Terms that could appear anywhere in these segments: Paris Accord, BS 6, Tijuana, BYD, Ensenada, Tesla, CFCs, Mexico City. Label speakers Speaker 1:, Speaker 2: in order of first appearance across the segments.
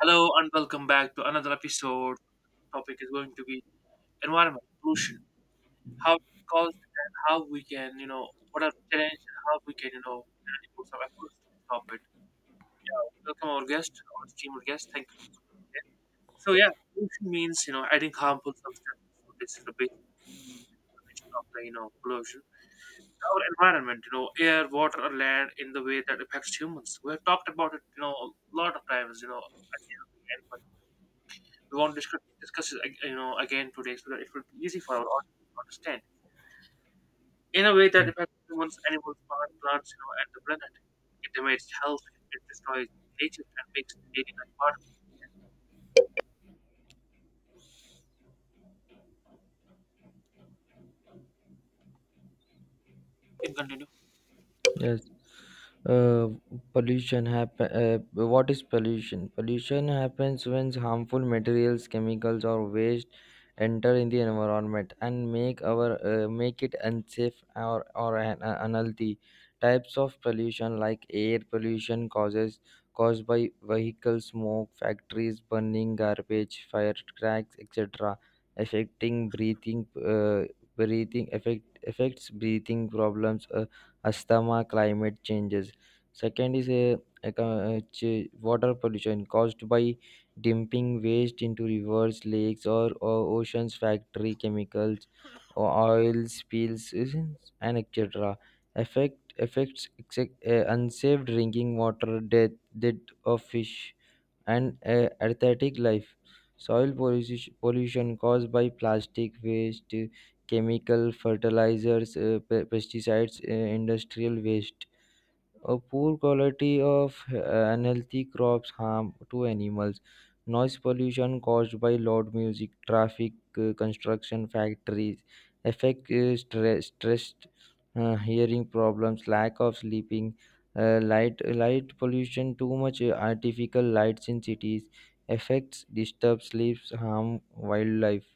Speaker 1: Hello and welcome back to another episode. Topic is going to be environment pollution, how it's caused, and how we can, what are the challenges, and how we can, really put some efforts to stop it. Yeah, welcome our guest, our esteemed guest. Thank you again. So yeah, pollution means adding harmful substances. So this is the basic definition of the pollution. Our environment, you know, air, water, or land in the way that affects humans. We have talked about it, you know, a lot of times. We want to discuss it, again today so that it will be easy for our audience to understand in a way that affects humans, animals, plants, you know, and the planet. It damages health, it destroys nature, and makes daily life harder. You can continue.
Speaker 2: Yes. Uh, pollution happen. What is pollution? Pollution happens when harmful materials, chemicals, or waste enter in the environment and make our make it unsafe or unhealthy. Types of pollution like air pollution causes caused by vehicle smoke, factories burning garbage, fire cracks, etc., affecting breathing. Uh, breathing affects breathing problems. Asthma, climate changes. Second is water pollution caused by dumping waste into rivers, lakes, or oceans, factory chemicals, or oil spills, and etc. Affects unsaved drinking water, death, death of fish and aesthetic life. Soil pollution caused by plastic waste, chemical fertilizers, pesticides, industrial waste, a poor quality of unhealthy crops, harm to animals. Noise pollution caused by loud music, traffic, construction factories, affect stressed hearing problems, lack of sleeping, light pollution, too much artificial lights in cities, affects disturb sleeps, harm wildlife.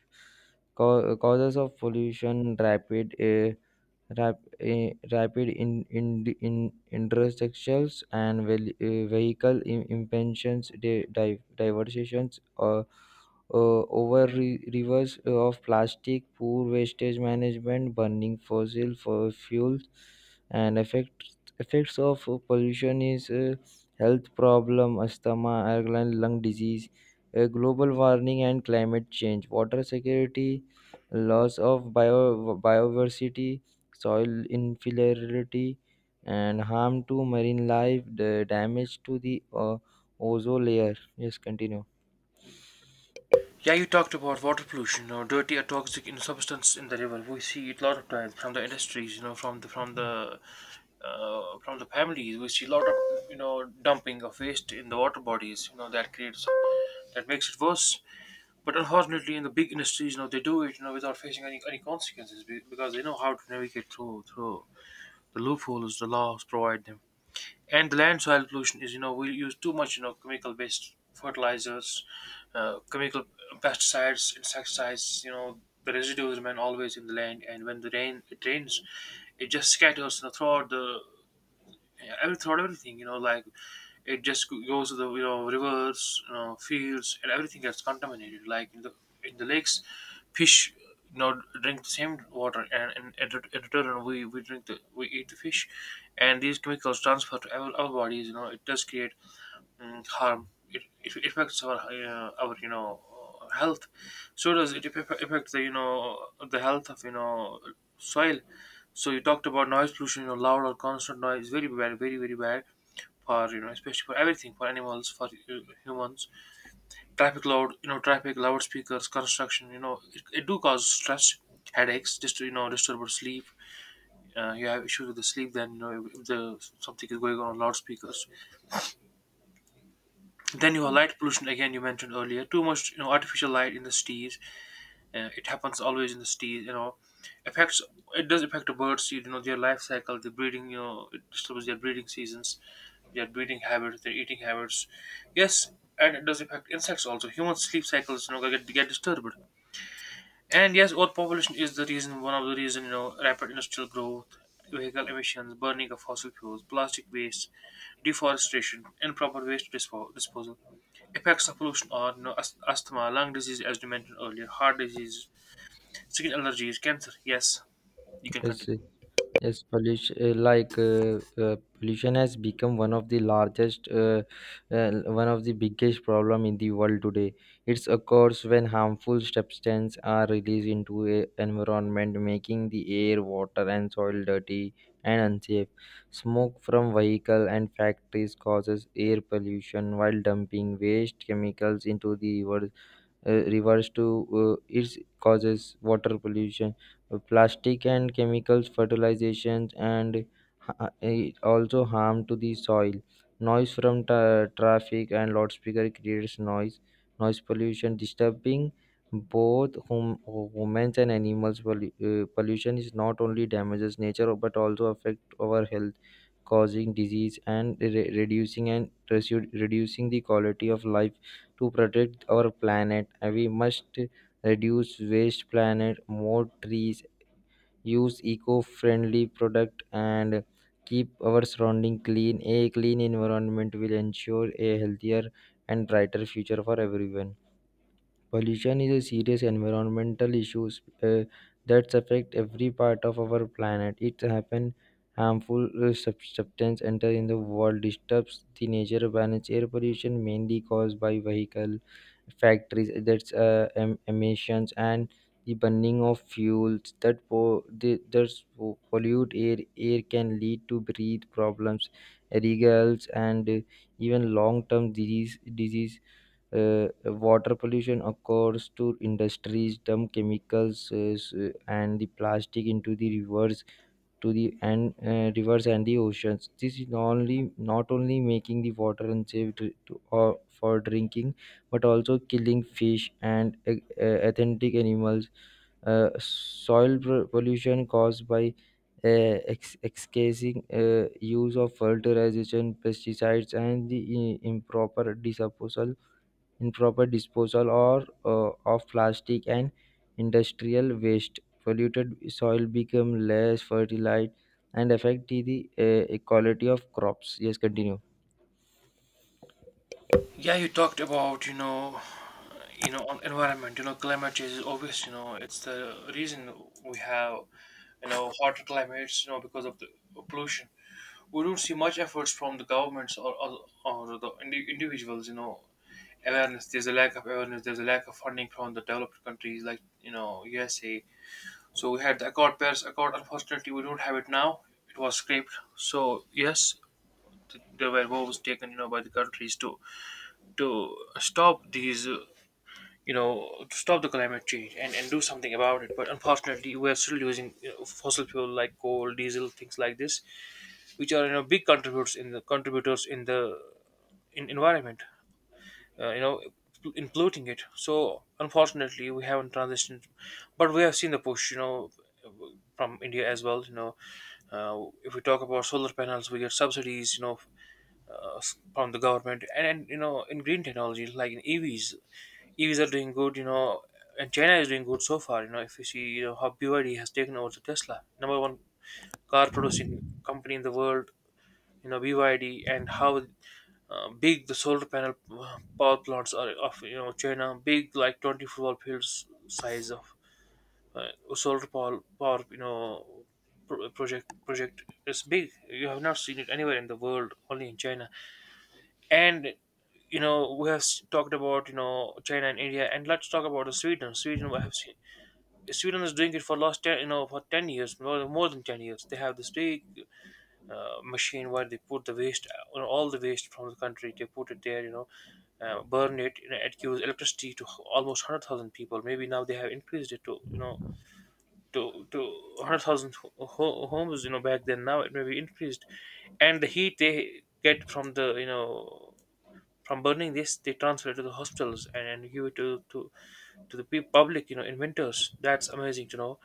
Speaker 2: Causes of pollution, rapid rapid in intersections and vehicle impensions, diversions or rivers of plastic, poor wastage management, burning fossil for fuels, and effects of pollution is, health problem, asthma, airline lung disease, global warming, and climate change, water security, loss of biodiversity, soil infertility, and harm to marine life, the damage to the ozone layer. Yes, continue.
Speaker 1: Yeah, you talked about water pollution, you know, dirty or toxic, you know, substance in the river. We see it a lot of times from the industries, you know, from the families. We see a lot of, dumping of waste in the water bodies. You know that creates that makes it worse. But unfortunately, in the big industries, you know, they do it, you know, without facing any consequences because they know how to navigate through the loopholes the laws provide them. And the land soil pollution is, you know, we use too much, you know, chemical based fertilizers, chemical pesticides, insecticides. You know, the residues remain always in the land, and when the rain it rains, it just scatters, you know, throughout the yeah, I thought everything. You know, like it just goes to the, you know, rivers, you know, fields, and everything gets contaminated. Like in the lakes, fish, you know, drink the same water, and in return we drink the we eat the fish, and these chemicals transfer to our bodies. You know, it does create harm. It affects our you know, health. So does it affect the, you know, the health of, you know, soil? So you talked about noise pollution, you know, loud or constant noise, very bad, very bad for, you know, especially for everything, for animals, for humans. Traffic, loudspeakers, construction, you know, it do cause stress, headaches, just, you know, disturbed sleep. You have issues with the sleep, then you know, if the something is going on loudspeakers. Then you have light pollution again. You mentioned earlier, too much, you know, artificial light in the cities. It happens always in the cities, you know, affects. It does affect the birds, you know, their life cycle, the breeding, you know, it disturbs their breeding seasons, their breeding habits, their eating habits. Yes, and it does affect insects also. Human sleep cycles, you know, get disturbed. And yes, overpopulation is the reason, one of the reason, you know, rapid industrial growth, vehicle emissions, burning of fossil fuels, plastic waste, deforestation, improper waste disposal, effects of pollution on, you know, asthma, lung disease, as you mentioned earlier, heart disease, skin allergies, cancer. Yes, you can
Speaker 2: Yes,
Speaker 1: continue.
Speaker 2: Yes, pollution has become one of the largest, uh, one of the biggest problem in the world today. It occurs when harmful substances are released into a environment, making the air, water, and soil dirty and unsafe. Smoke from vehicle and factories causes air pollution, while dumping waste chemicals into the rivers to it causes water pollution. Plastic and chemicals fertilizations and it also harm to the soil. Noise from traffic and loudspeaker creates noise pollution, disturbing both humans and animals. Pollution is not only damages nature but also affect our health, causing disease and reducing the quality of life. To protect our planet, and we must reduce waste, planet more trees, use eco-friendly product, and keep our surrounding clean. A clean environment will ensure a healthier and brighter future for everyone. Pollution is a serious environmental issue uh, that affects every part of our planet. It happens harmful substance enter in the world, disturbs the nature balance. Air pollution mainly caused by vehicle factories, emissions and the burning of fuels that pollute air. Air can lead to breathe problems, regals, and even long-term disease. Water pollution occurs to industries dump chemicals and the plastic into the rivers to the and rivers and the oceans. This is not only making the water unsafe or for drinking, but also killing fish and authentic animals. Pollution caused by excessive use of fertilization, pesticides, and the improper disposal or of plastic and industrial waste. Polluted soil become less fertile and affect the quality of crops. Yes, continue.
Speaker 1: Yeah, you talked about, you know, on environment, you know, climate change is obvious, you know, it's the reason we have, you know, hotter climates, you know, because of the pollution. We don't see much efforts from the governments or the individuals, you know. Awareness there's a lack of awareness there's a lack of funding from the developed countries like, you know, USA. So we had the accord Paris Accord. Unfortunately, we don't have it now, it was scrapped. So yes, there were moves taken, you know, by the countries to stop these, you know, to stop the climate change, and do something about it. But unfortunately, we are still using, you know, fossil fuel like coal, diesel, things like this, which are, you know, big contributors in the in environment. You know, in polluting it. So unfortunately, we haven't transitioned, but we have seen the push. You know, from India as well. You know, if we talk about solar panels, we get subsidies. You know. Uh, from the government, and you know, in green technologies like in EVs are doing good, you know, and China is doing good so far. You know, if you see, you know, how BYD has taken over the Tesla, number one car producing company in the world, you know, BYD, and how, big the solar panel, power plants are of, you know, China. Big like 20 football fields size of, uh, solar power. Project project is big. You have not seen it anywhere in the world, only in China. And you know, we have talked about, you know, China and India, and let's talk about the Sweden. Sweden, we have seen Sweden is doing it for last ten, you know, for 10 years, more than 10 years. They have this big, machine where they put the waste, you know, all the waste from the country. They put it there, you know, burn it. You know, it gives electricity to almost 100,000 people. Maybe now they have increased it to, you know, to 100,000 homes. You know, back then, now it may be increased. And the heat they get from the, you know, from burning this, they transfer it to the hospitals, and give it to the public. You know, in winters, that's amazing to know.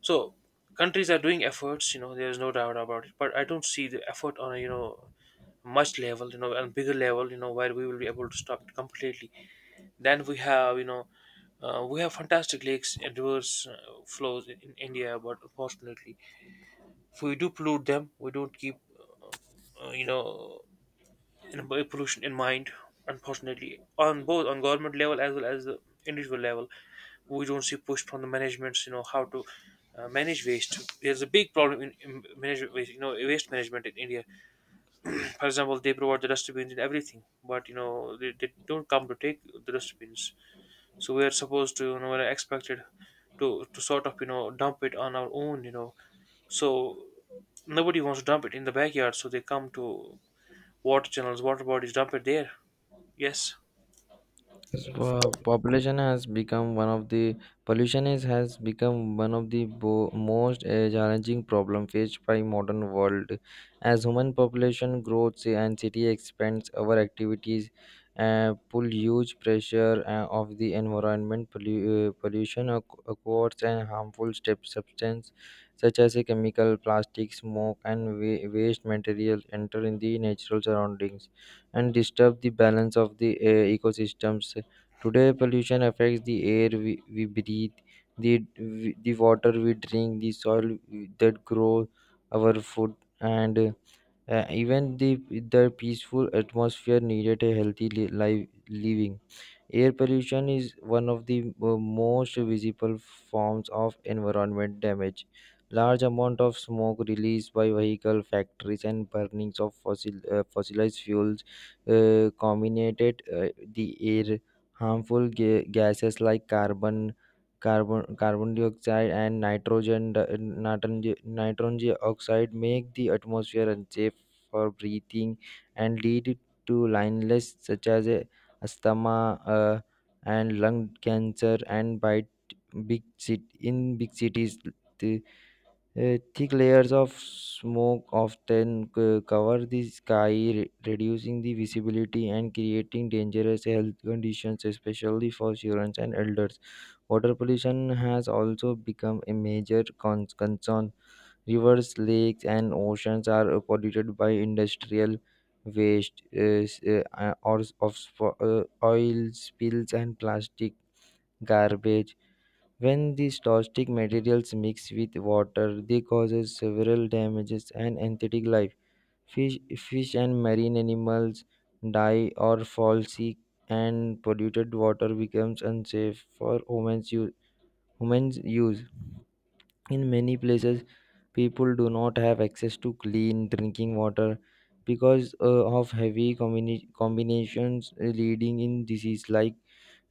Speaker 1: So countries are doing efforts, you know, there's no doubt about it. But I don't see the effort on a, you know, much level, you know, and bigger level, you know, where we will be able to stop it completely. Then we have, you know, we have fantastic lakes and rivers, flows in India, but unfortunately, if we do pollute them, we don't keep, you know, in, pollution in mind. Unfortunately, on both on government level as well as the individual level, we don't see push from the managements, you know, how to, manage waste. There's a big problem in manage waste, you know, waste management in India. For example, they provide the dustbins and everything, but you know, they don't come to take the dustbins. So we are supposed to, you know, we're expected to sort of, you know, dump it on our own, you know. So nobody wants to dump it in the backyard, so they come to water channels, water bodies, dump it there. Yes.
Speaker 2: So, population has become one of the pollution is has become one of the most challenging problem faced by modern world. As human population grows and city expands, our activities pull huge pressure of the environment. Pollution oc- occurs and harmful step substance such as a chemical, plastic, smoke, and wa- waste material enter in the natural surroundings and disturb the balance of the ecosystems. Today, pollution affects the air we breathe, the, the water we drink, the soil that grows our food, and even the peaceful atmosphere needed a healthy life living. Air pollution is one of the most visible forms of environment damage. Large amount of smoke released by vehicle factories and burnings of fossilized fuels contaminated the air. Harmful gases like carbon dioxide, and nitrogen, di- nitrogen nitrogen oxide make the atmosphere unsafe for breathing and lead to lines such as asthma uh, and lung cancer. And by t- big cit in big cities, the thick layers of smoke often cover the sky, reducing the visibility and creating dangerous health conditions, especially for children and elders. Water pollution has also become a major concern. Rivers, lakes, and oceans are polluted by industrial waste, oil spills, and plastic garbage. When these toxic materials mix with water, they causes several damages and aquatic life. Fish and marine animals die or fall sick, and polluted water becomes unsafe for humans use. Humans use in many places, people do not have access to clean drinking water because of heavy combinations leading in disease like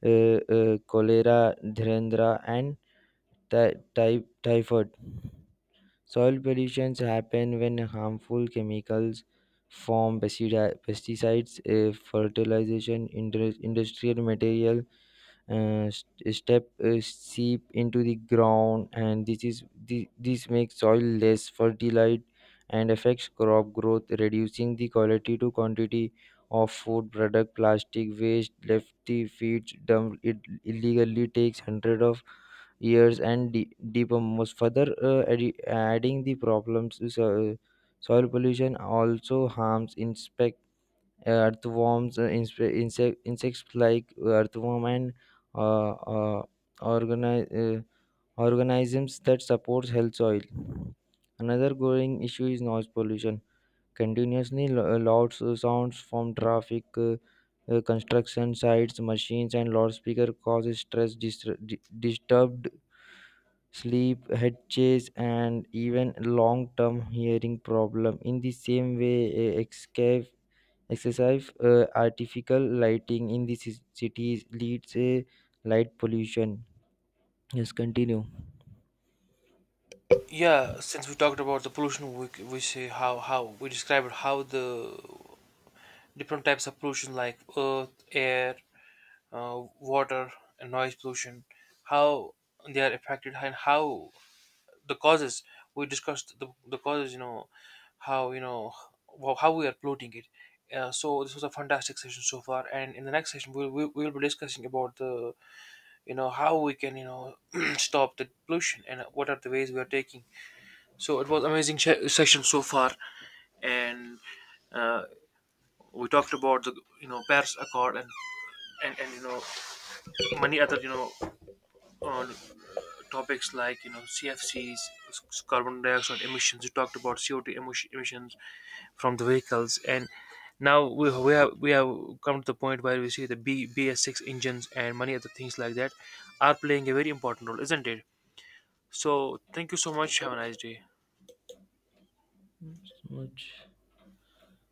Speaker 2: cholera, dhrendra, and typhoid. Soil pollutions happen when harmful chemicals from pesticides, fertilization, industrial material, st- step sheep into the ground, and this makes soil less fertile and affects crop growth, reducing the quality to quantity of food product. Plastic waste left the feeds dumped it illegally takes hundreds of years and decompose further, adding the problems. Soil pollution also harms insects like earthworm and uh, uh, organi- uh, organisms that supports health soil. Another growing issue is noise pollution. Continuously loud sounds from traffic, construction sites, machines, and loudspeaker causes stress, disturbed sleep, head chase, and even long-term hearing problem. In the same way, escape excessive artificial lighting in the cities leads a light pollution. Yes, continue.
Speaker 1: Yeah, since we talked about the pollution, we, c- we say how we described how the different types of pollution like earth, air, water, and noise pollution, how they are affected and how the causes. We discussed the causes, you know, how, you know, how we are polluting it. So this was a fantastic session so far, and in the next session we will be discussing about the, you know, how we can, you know, stop the pollution and what are the ways we are taking. So it was amazing session so far, and uh, we talked about the, you know, Paris Accord, and you know, many other, you know, uh, topics like, you know, CFCs, carbon dioxide emissions. You talked about CO2 emissions from the vehicles, and now we have come to the point where we see the BBS 6 engines and many other things like that are playing a very important role, isn't it? So thank you so much. Have a nice day.
Speaker 2: So much.